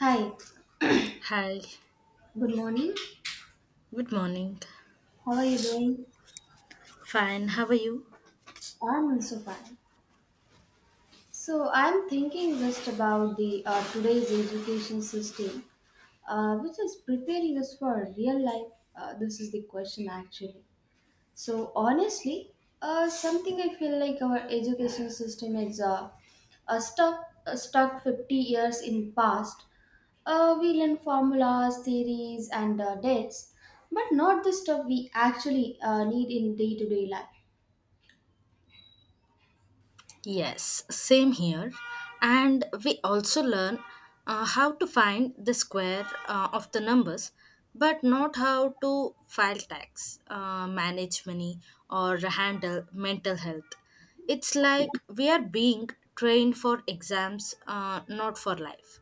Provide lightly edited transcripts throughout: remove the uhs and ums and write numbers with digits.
Hi, Hi. good morning. Good morning. How are you doing? Fine, how are you? I'm also fine. So I'm thinking just about the today's education system, which is preparing us for real life. This is the question actually. So honestly, something I feel like our education system is stuck stuck 50 years in past. We learn formulas, theories, and dates, but not the stuff we actually need in day to day life. Yes, same here. And we also learn how to find the square of the numbers, but not how to file tax, manage money, or handle mental health. It's like we are being trained for exams, not for life.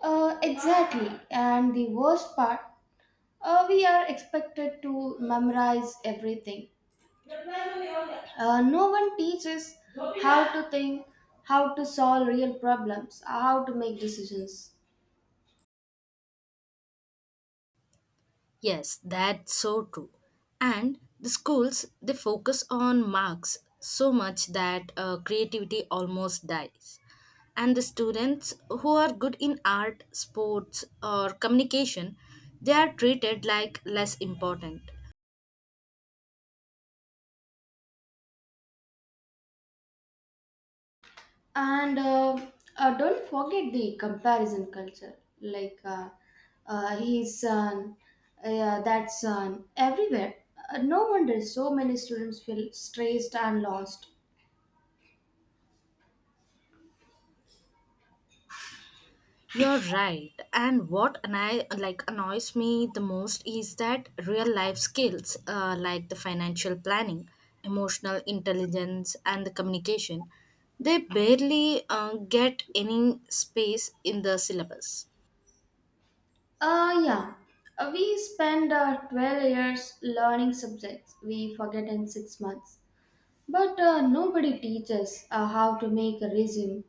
Exactly. And the worst part, we are expected to memorize everything. No one teaches how to think, how to solve real problems, how to make decisions. Yes, that's so true. And the schools they focus on marks so much that creativity almost dies. And the students who are good in art, sports, or communication, they are treated like less important. And don't forget the comparison culture. Like, he's son, that son, everywhere. No wonder so many students feel stressed and lost. You're right. And what annoys me the most is that real life skills like the financial planning, emotional intelligence, and the communication, they barely get any space in the syllabus. Yeah. We spend 12 years learning subjects we forget in 6 months. But nobody teaches how to make a resume,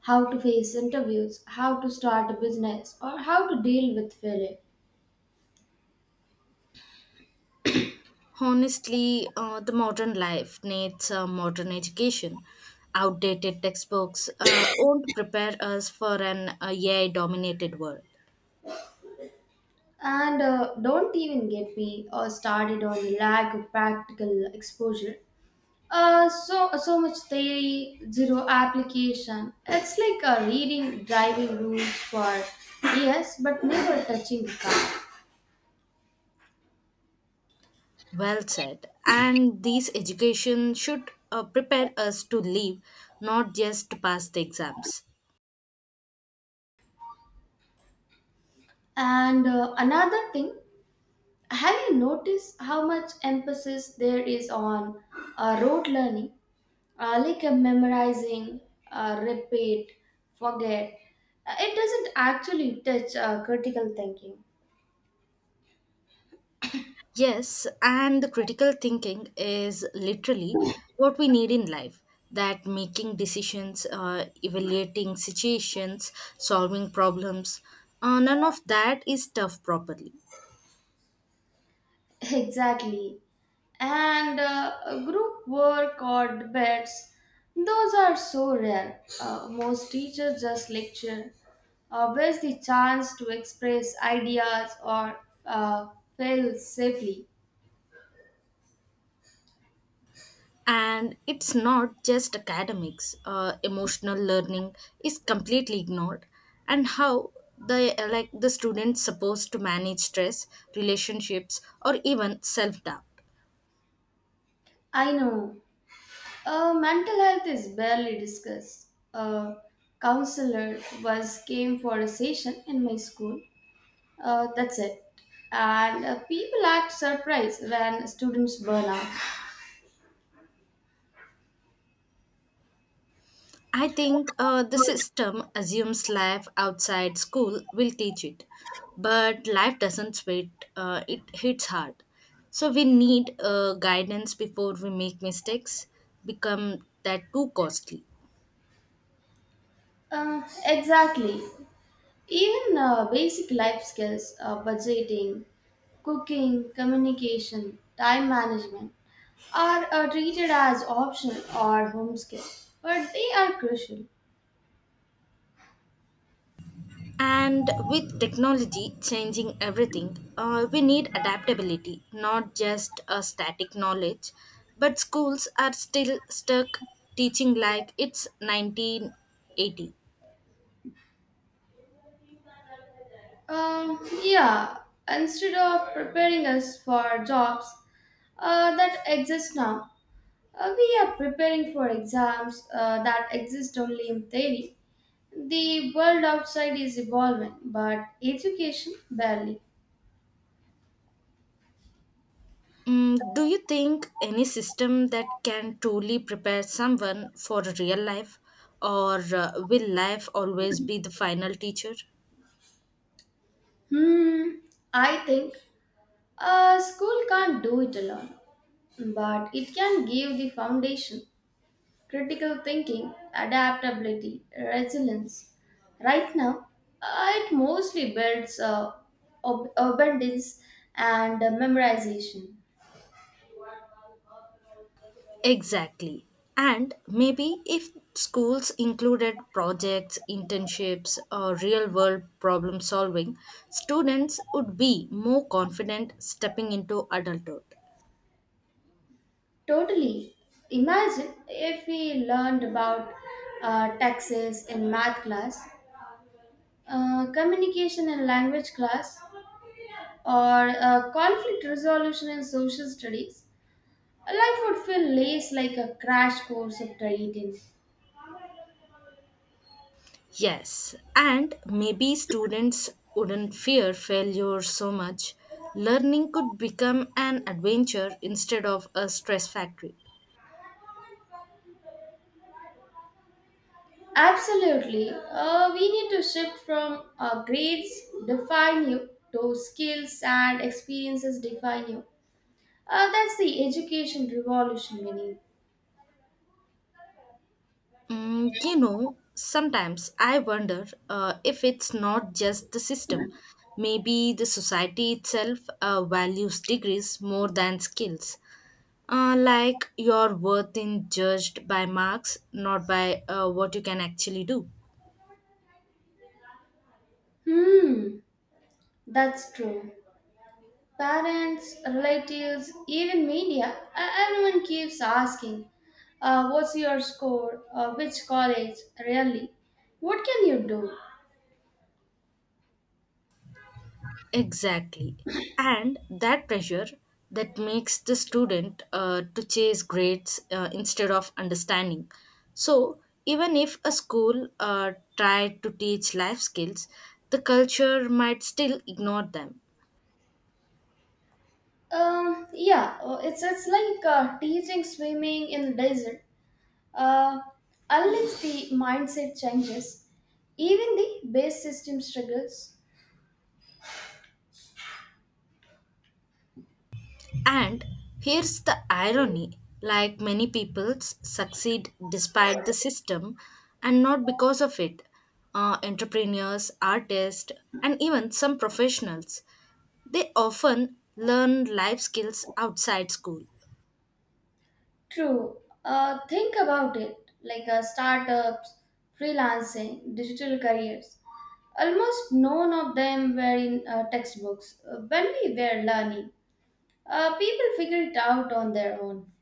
how to face interviews, how to start a business, or how to deal with failure. Honestly, the modern life needs a modern education. Outdated textbooks won't prepare us for an AI dominated world. And don't even get me started on the lack of practical exposure. So so much theory, zero application. It's like reading driving rules for years, but never touching the car. Well said. And these education should prepare us to live, not just to pass the exams. And another thing, have you noticed how much emphasis there is on road learning, like memorizing, repeat, forget? It doesn't actually touch critical thinking. Yes, and the critical thinking is literally what we need in life. That making decisions, evaluating situations, solving problems, none of that is tough properly. Exactly. And group work or debates, those are so rare. Most teachers just lecture. Where's the chance to express ideas or fail safely? And it's not just academics, emotional learning is completely ignored. And how the the students supposed to manage stress, relationships, or even self doubt. I know. Mental health is barely discussed. A counselor was came for a session in my school. That's it. And people act surprised when students burn out. I think the system assumes life outside school will teach it, but life doesn't wait. It hits hard, so we need guidance before we make mistakes become that too costly. Exactly. Even basic life skills, budgeting, cooking, communication, time management, are treated as optional or home skills, but they are crucial. And with technology changing everything, we need adaptability, not just a static knowledge. But schools are still stuck teaching like it's 1980. Uh, yeah, instead of preparing us for jobs that exist now, we are preparing for exams that exist only in theory. The world outside is evolving, but education barely. Mm, do you think any system that can truly prepare someone for real life, or will life always be the final teacher? Hmm, I think a school can't do it alone, but it can give the foundation, critical thinking, adaptability, resilience. Right now, it mostly builds abundance and memorization. Exactly. And maybe if schools included projects, internships, or real world problem solving, students would be more confident stepping into adulthood. Totally. Imagine if we learned about taxes in math class, communication in language class, or conflict resolution in social studies, life would feel less like a crash course of trading. Yes, and maybe students wouldn't fear failure so much. Learning could become an adventure instead of a stress factory. Absolutely. We need to shift from grades define you to skills and experiences define you. That's the education revolution we need. Mm, you know, sometimes I wonder if it's not just the system. Maybe the society itself values degrees more than skills. Like your worth is judged by marks, not by what you can actually do. Hmm, that's true. Parents, relatives, even media, everyone keeps asking, what's your score? Which college? Really? What can you do? Exactly. And that pressure that makes the student to chase grades instead of understanding. So, even if a school tried to teach life skills, the culture might still ignore them. Yeah, it's like teaching swimming in the desert. Uh, Unless the mindset changes, even the base system struggles. And here's the irony, like many people succeed despite the system and not because of it. Entrepreneurs, artists, and even some professionals, they often learn life skills outside school. True. Think about it like startups, freelancing, digital careers. Almost none of them were in textbooks when we were learning. People figured it out on their own.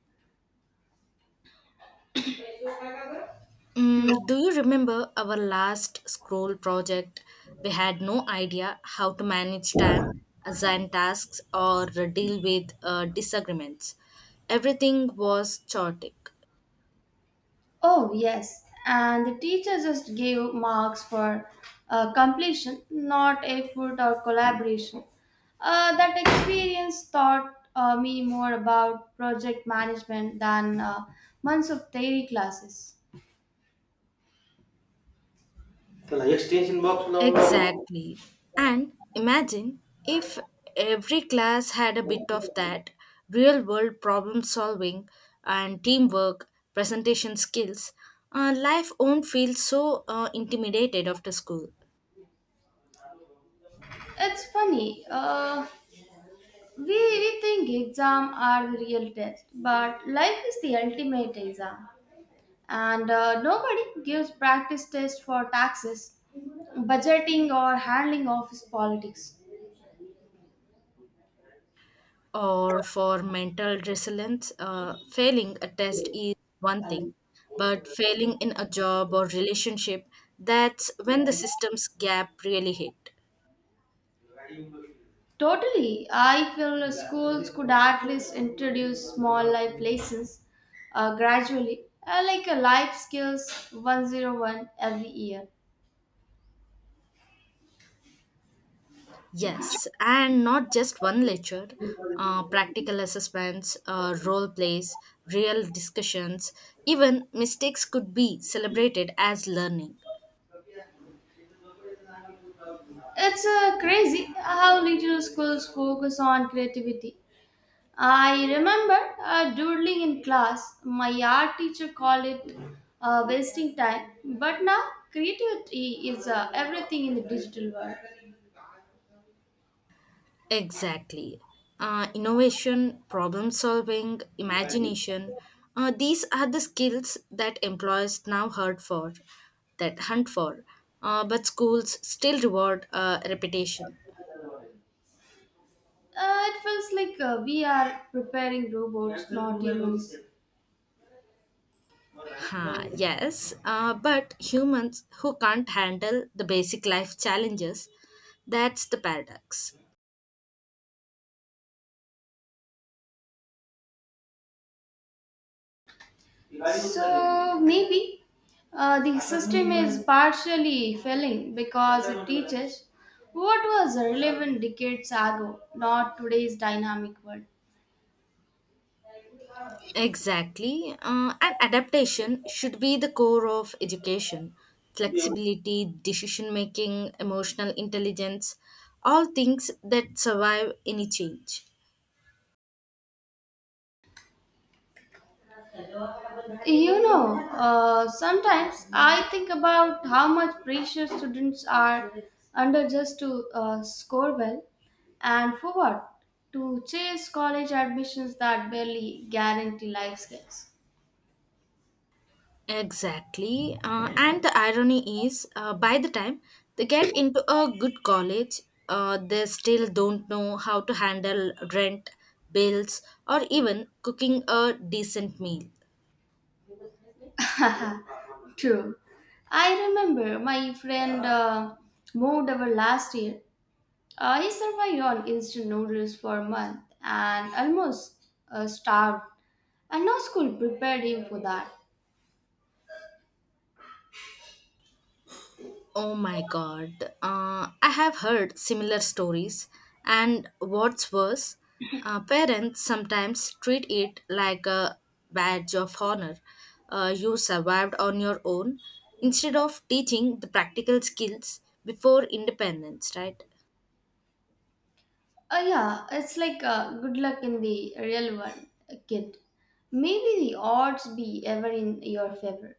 Mm, do you remember our last scroll project? We had no idea how to manage time, assign tasks, or deal with disagreements. Everything was chaotic. Oh, yes. And the teacher just gave marks for completion, not effort or collaboration. That experience taught me more about project management than months of theory classes. त्याला extension box लावून. Exactly. And imagine if every class had a bit of that real world problem solving and teamwork, presentation skills, life won't feel so intimidated after school. It's funny. Uh, we think exam are the real test, but life is the ultimate exam. And nobody gives practice test for taxes, budgeting, or handling office politics. Or for mental resilience, failing a test is one thing, but failing in a job or relationship, that's when the system's gap really hit. Totally, I feel schools could at least introduce small life lessons gradually, like a life skills 101 every year. Yes, and not just one lecture, practical assessments, role plays, real discussions, even mistakes could be celebrated as learning. It's crazy how little schools focus on creativity. I remember doodling in class. My art teacher called it wasting time. But now, creativity is everything in the digital world. Exactly. Innovation, problem solving, imagination, these are the skills that employers now hunt for, but schools still reward reputation. It feels like we are preparing robots, not humans. Huh, yes, but humans who can't handle the basic life challenges, that's the paradox. So maybe the system is partially failing because it teaches what was relevant decades ago, not today's dynamic world. Exactly, and adaptation should be the core of education. Flexibility, decision making, emotional intelligence, all things that survive any change. You know, sometimes I think about how much pressure students are under just to score well and for what? To chase college admissions that barely guarantee life skills. Exactly. And the irony is, by the time they get into a good college, they still don't know how to handle rent, bills, or even cooking a decent meal. Haha, true. I remember my friend moved over last year. He survived on instant noodles for a month and almost starved. And no school prepared him for that. Oh my God. I have heard similar stories. And what's worse, parents sometimes treat it like a badge of honor. You survived on your own instead of teaching the practical skills before independence, right? Yeah, it's like good luck in the real world, kid. Maybe the odds be ever in your favor.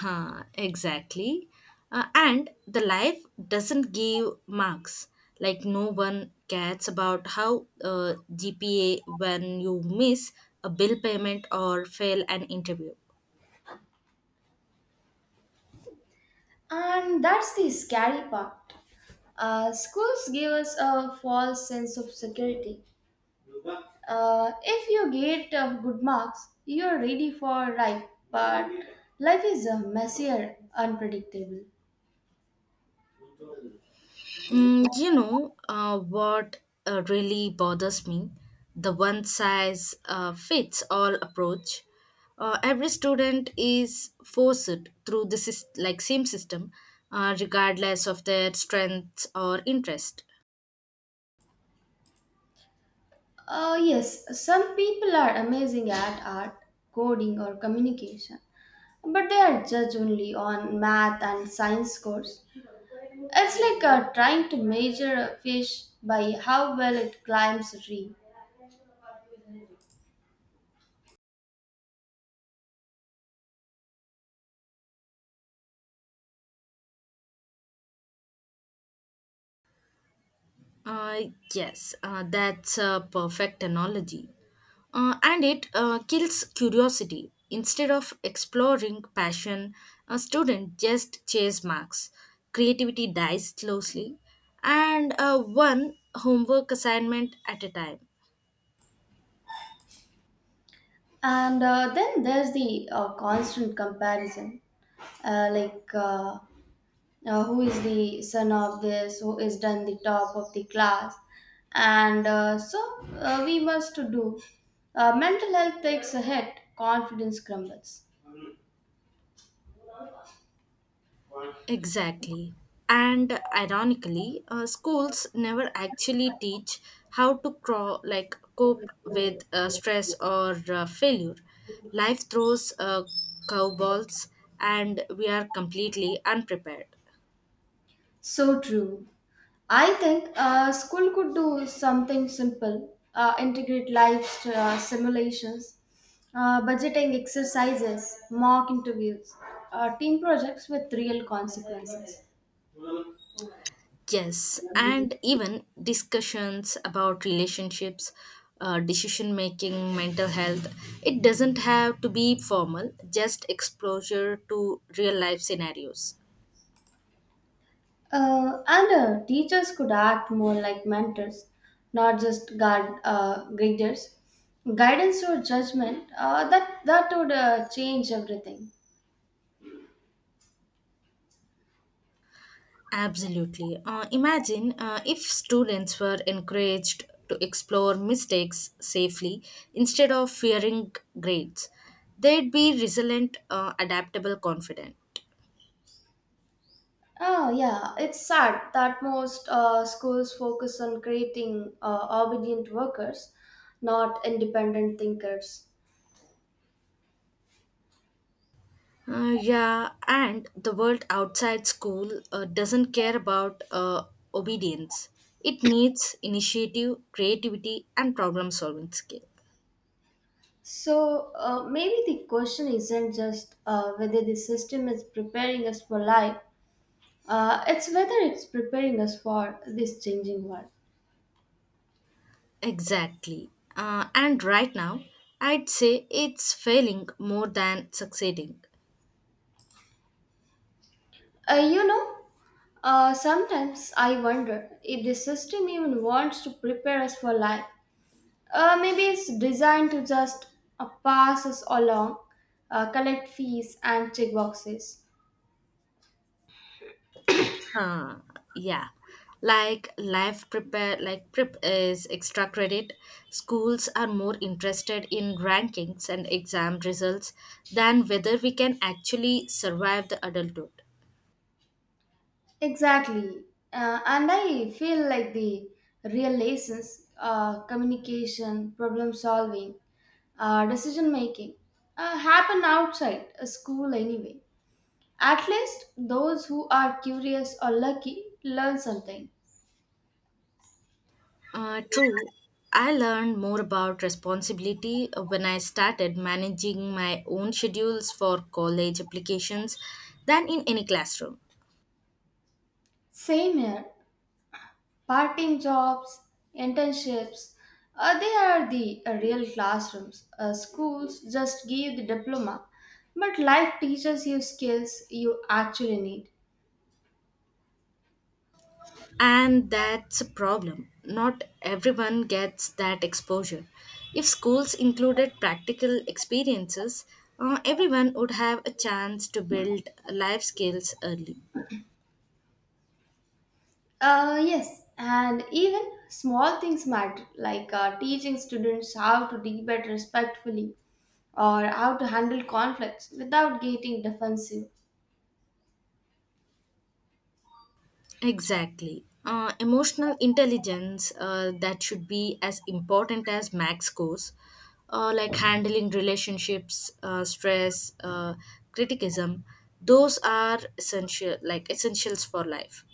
Huh, exactly. And the life doesn't give marks. Like no one cares about how GPA when you miss a bill payment or fail an interview. And that's the scary part. Schools give us a false sense of security. If you get good marks, you're ready for life, but life is messier, unpredictable. Mm, you know what really bothers me? The one size fits all approach. Every student is forced through the same system, regardless of their strengths or interest. Yes, some people are amazing at art, coding, or communication, but they are judged only on math and science scores. It's like trying to measure a fish by how well it climbs a tree. Uh, yes, that's a perfect analogy. And it kills curiosity. Instead of exploring passion, a student just chase marks. Creativity dies slowly, and one homework assignment at a time. And then there's the constant comparison. Like, who is the son of this, who is done the top of the class. And so we must to do. Mental health takes a hit, confidence crumbles. Exactly. And ironically, schools never actually teach how to cope with stress or failure. Life throws curveballs, and we are completely unprepared. So true. I think school could do something simple, integrate live simulations, budgeting exercises, mock interviews, team projects with real consequences. Yes, and even discussions about relationships, decision making, mental health. It doesn't have to be formal, just exposure to real life scenarios. And teachers could act more like mentors, not just guard guiders. Guidance or judgment, that would change everything. Absolutely. Imagine if students were encouraged to explore mistakes safely instead of fearing grades. They'd be resilient, adaptable, confident. Oh yeah, it's sad that most schools focus on creating obedient workers, not independent thinkers. Yeah, and the world outside school doesn't care about obedience. It needs initiative, creativity, and problem solving skill. So maybe the question isn't just whether the system is preparing us for life; it's whether it's preparing us for this changing world. Exactly. And right now, I'd say it's failing more than succeeding. You know, sometimes I wonder if the system even wants to prepare us for life. Maybe it's designed to just pass us along, collect fees and check boxes. Huh. Yeah. Like prep is extra credit. Schools are more interested in rankings and exam results than whether we can actually survive the adulthood. Exactly. And I feel like the real lessons, communication, problem solving, decision making, happen outside a school anyway. At least those who are curious or lucky learn something. True. I learned more about responsibility when I started managing my own schedules for college applications than in any classroom. Same here. Part-time jobs, internships, they are the real classrooms. Schools just give the diploma, but life teaches you skills you actually need. And that's a problem. Not everyone gets that exposure. If schools included practical experiences, everyone would have a chance to build life skills early. Yes, and even small things matter, like teaching students how to debate respectfully or how to handle conflicts without getting defensive. Exactly. Emotional intelligence that should be as important as max scores, like handling relationships, stress, criticism. Those are essential, like essentials for life.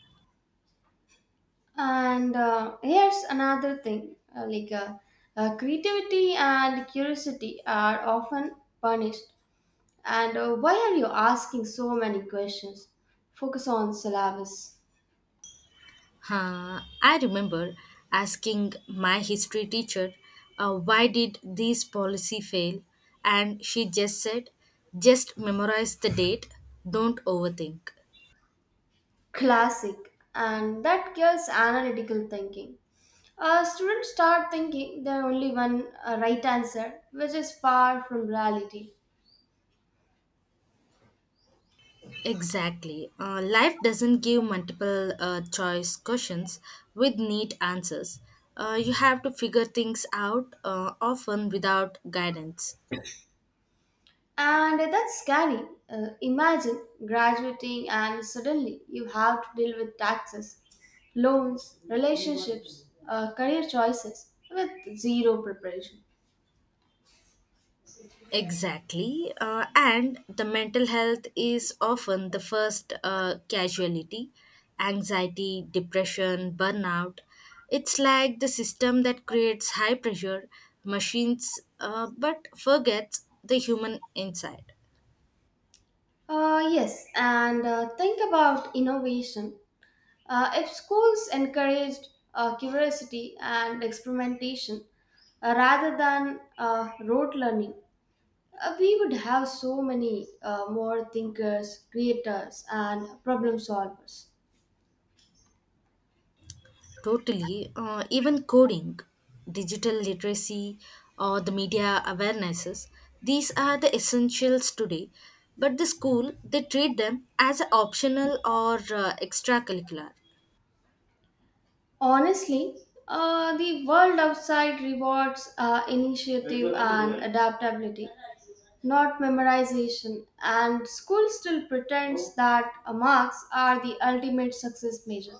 And here's another thing like creativity and curiosity are often punished. And why are you asking so many questions? Focus on syllabus, Huh, I remember asking my history teacher, why did this policy fail? And she just said, just memorize the date, don't overthink. classic, and that kills analytical thinking. Students start thinking there are only one right answer, which is far from reality. Exactly. Life doesn't give multiple choice questions with neat answers. You have to figure things out often without guidance. And that's scary. Imagine graduating and suddenly you have to deal with taxes, loans, relationships, career choices with zero preparation. Exactly. And the mental health is often the first casualty anxiety, depression, burnout. It's like the system that creates high pressure machines but forgets the human inside. Yes, and think about innovation. If schools encouraged curiosity and experimentation rather than rote learning, we would have so many more thinkers, creators, and problem solvers. Totally. Even coding, digital literacy, or the media awarenesses, these are the essentials today. But the school, they treat them as a optional or extracurricular. Honestly, the world outside rewards initiative and adaptability, not memorization, and school still pretends that marks are the ultimate success measure.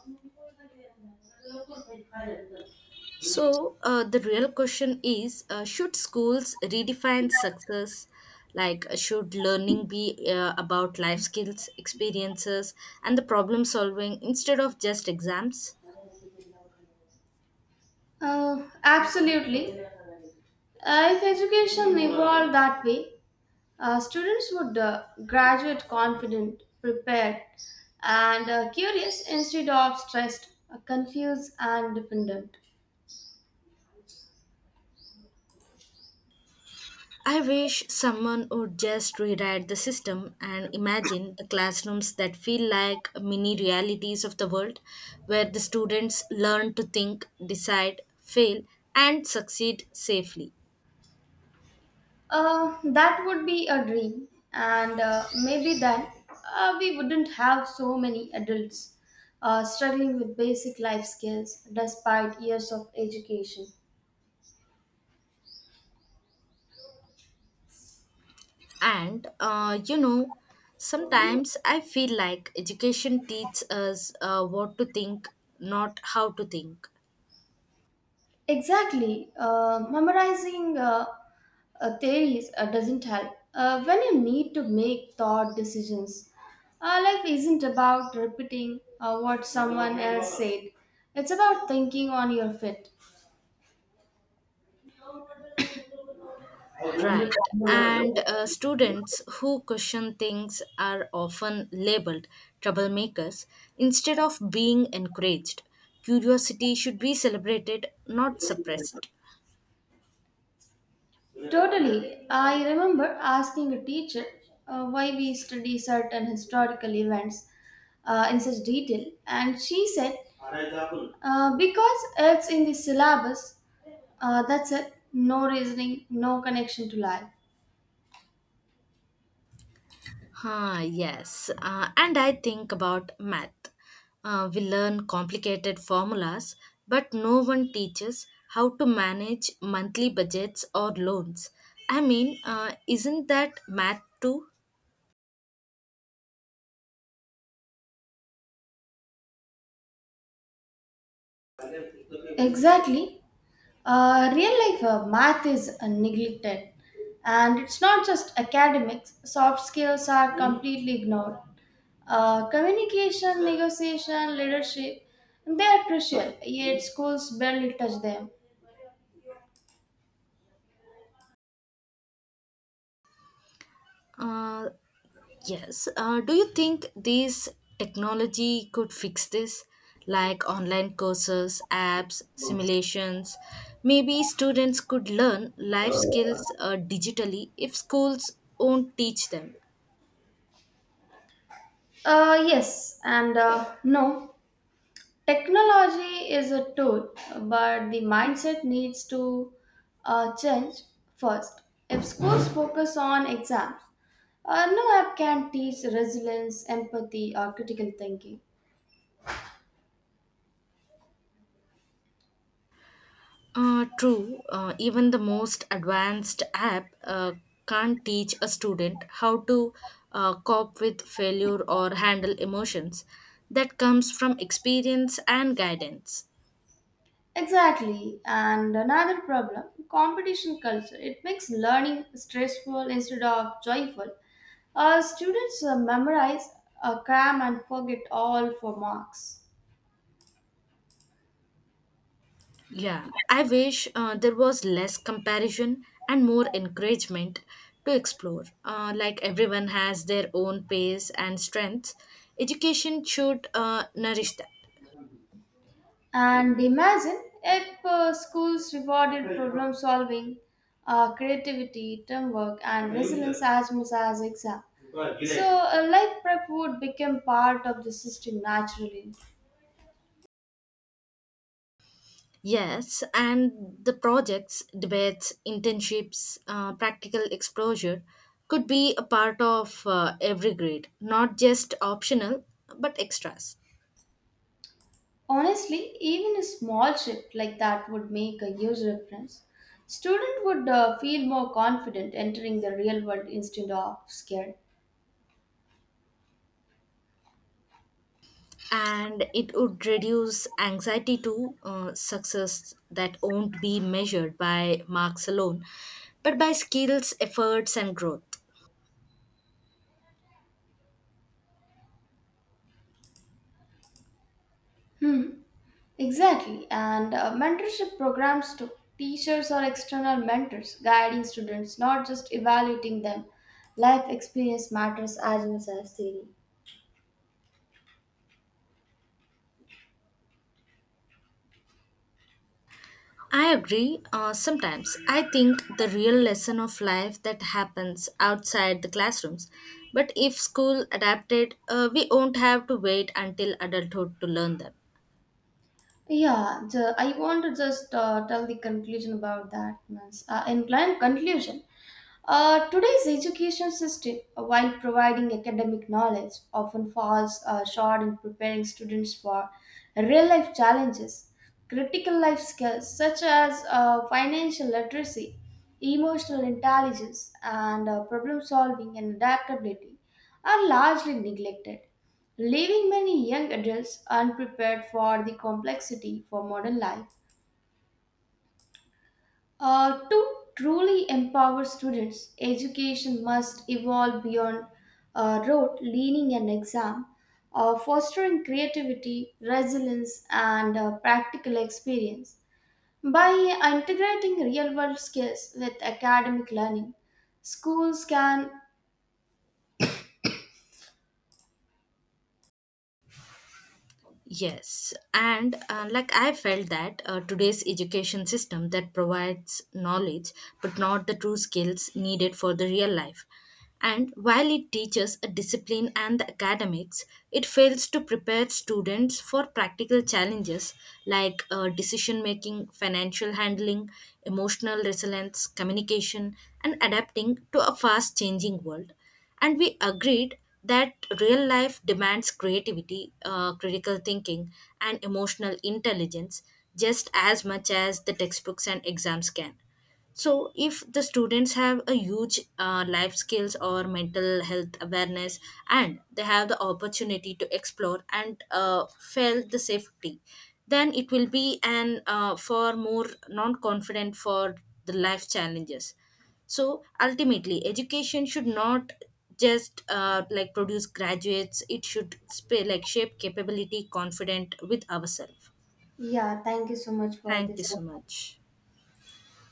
So the real question is should schools redefine success? Like, should learning be about life skills, experiences, and the problem solving instead of just exams? Absolutely. If education evolved that way, students would graduate confident, prepared, and curious instead of stressed, confused, and dependent. I wish someone would just rewrite the system and imagine the classrooms that feel like mini realities of the world, where the students learn to think, decide, fail, and succeed safely. That would be a dream, and maybe then we wouldn't have so many adults struggling with basic life skills despite years of education. And you know, sometimes I feel like education teaches us what to think, not how to think. Exactly, memorizing theories doesn't help. When you need to make thought decisions, life isn't about repeating what someone else said, it's about thinking on your feet. Right. And students who question things are often labeled troublemakers instead of being encouraged. Curiosity should be celebrated, not suppressed. Totally. I remember asking a teacher why we study certain historical events in such detail, and she said, because it's in the syllabus, that's it, no reasoning, no connection to life. Huh? Yes. And I think about math. We learn complicated formulas, but no one teaches how to manage monthly budgets or loans. I mean, isn't that math too? Exactly. Real life math is neglected, and it's not just academics, soft skills are completely ignored. Communication, negotiation, leadership, they are crucial, yet schools barely touch them. Uh, Yes. Do you think these technology could fix this? Like online courses, apps, simulations. Maybe students could learn life skills digitally if schools won't teach them. Yes, and no. Technology is a tool, but the mindset needs to change first. If schools focus on exams, no app can teach resilience, empathy, or critical thinking. True, even the most advanced app can't teach a student how to cope with failure or handle emotions. That comes from experience and guidance. Exactly. And another problem competition culture. It makes learning stressful instead of joyful. Students memorize, cram, and forget all for marks. Yeah, I wish there was less comparison and more encouragement to explore. Like everyone has their own pace and strengths, education should nourish that. And imagine if schools rewarded problem solving, creativity, teamwork, and resilience as much as exam. So, life prep would become part of the system naturally. Yes, and the projects, debates, internships, practical exposure could be a part of every grade, not just optional but extras. Honestly, even a small shift like that would make a huge difference. Student would feel more confident entering the real world instead of scared. And it would reduce anxiety to success that won't be measured by marks alone but by skills efforts and growth. Hmm. Exactly, and mentorship programs too. Teachers or external mentors guiding students, not just evaluating them. Life experience matters as much as theory. I agree, sometimes I think the real lesson of life that happens outside the classrooms, but if school adapted, we won't have to wait until adulthood to learn them. Yeah, I want to just tell the conclusion about that. Means, in client conclusion, today's education system, while providing academic knowledge, often falls short in preparing students for real life challenges. Critical life skills such as financial literacy, emotional intelligence, and problem solving and adaptability are largely neglected, leaving many young adults unprepared for the complexity for modern life. To truly empower students, education must evolve beyond rote leaning an exam, fostering creativity, resilience, and practical experience. By integrating real world skills with academic learning, schools can. Yes, and like I felt that today's education system that provides knowledge but not the true skills needed for the real life. And while it teaches a discipline and the academics, it fails to prepare students for practical challenges like decision making, financial handling, emotional resilience, communication, and adapting to a fast changing world. And we agreed that real life demands creativity, critical thinking, and emotional intelligence just as much as the textbooks and exams can. So, if the students have a huge life skills or mental health awareness, and they have the opportunity to explore and feel the safety, then it will be an for more non-confident for the life challenges. So, ultimately, education should not just produce graduates; it should shape capability, confident with ourselves. Yeah, thank you so much for Thank this. you so much.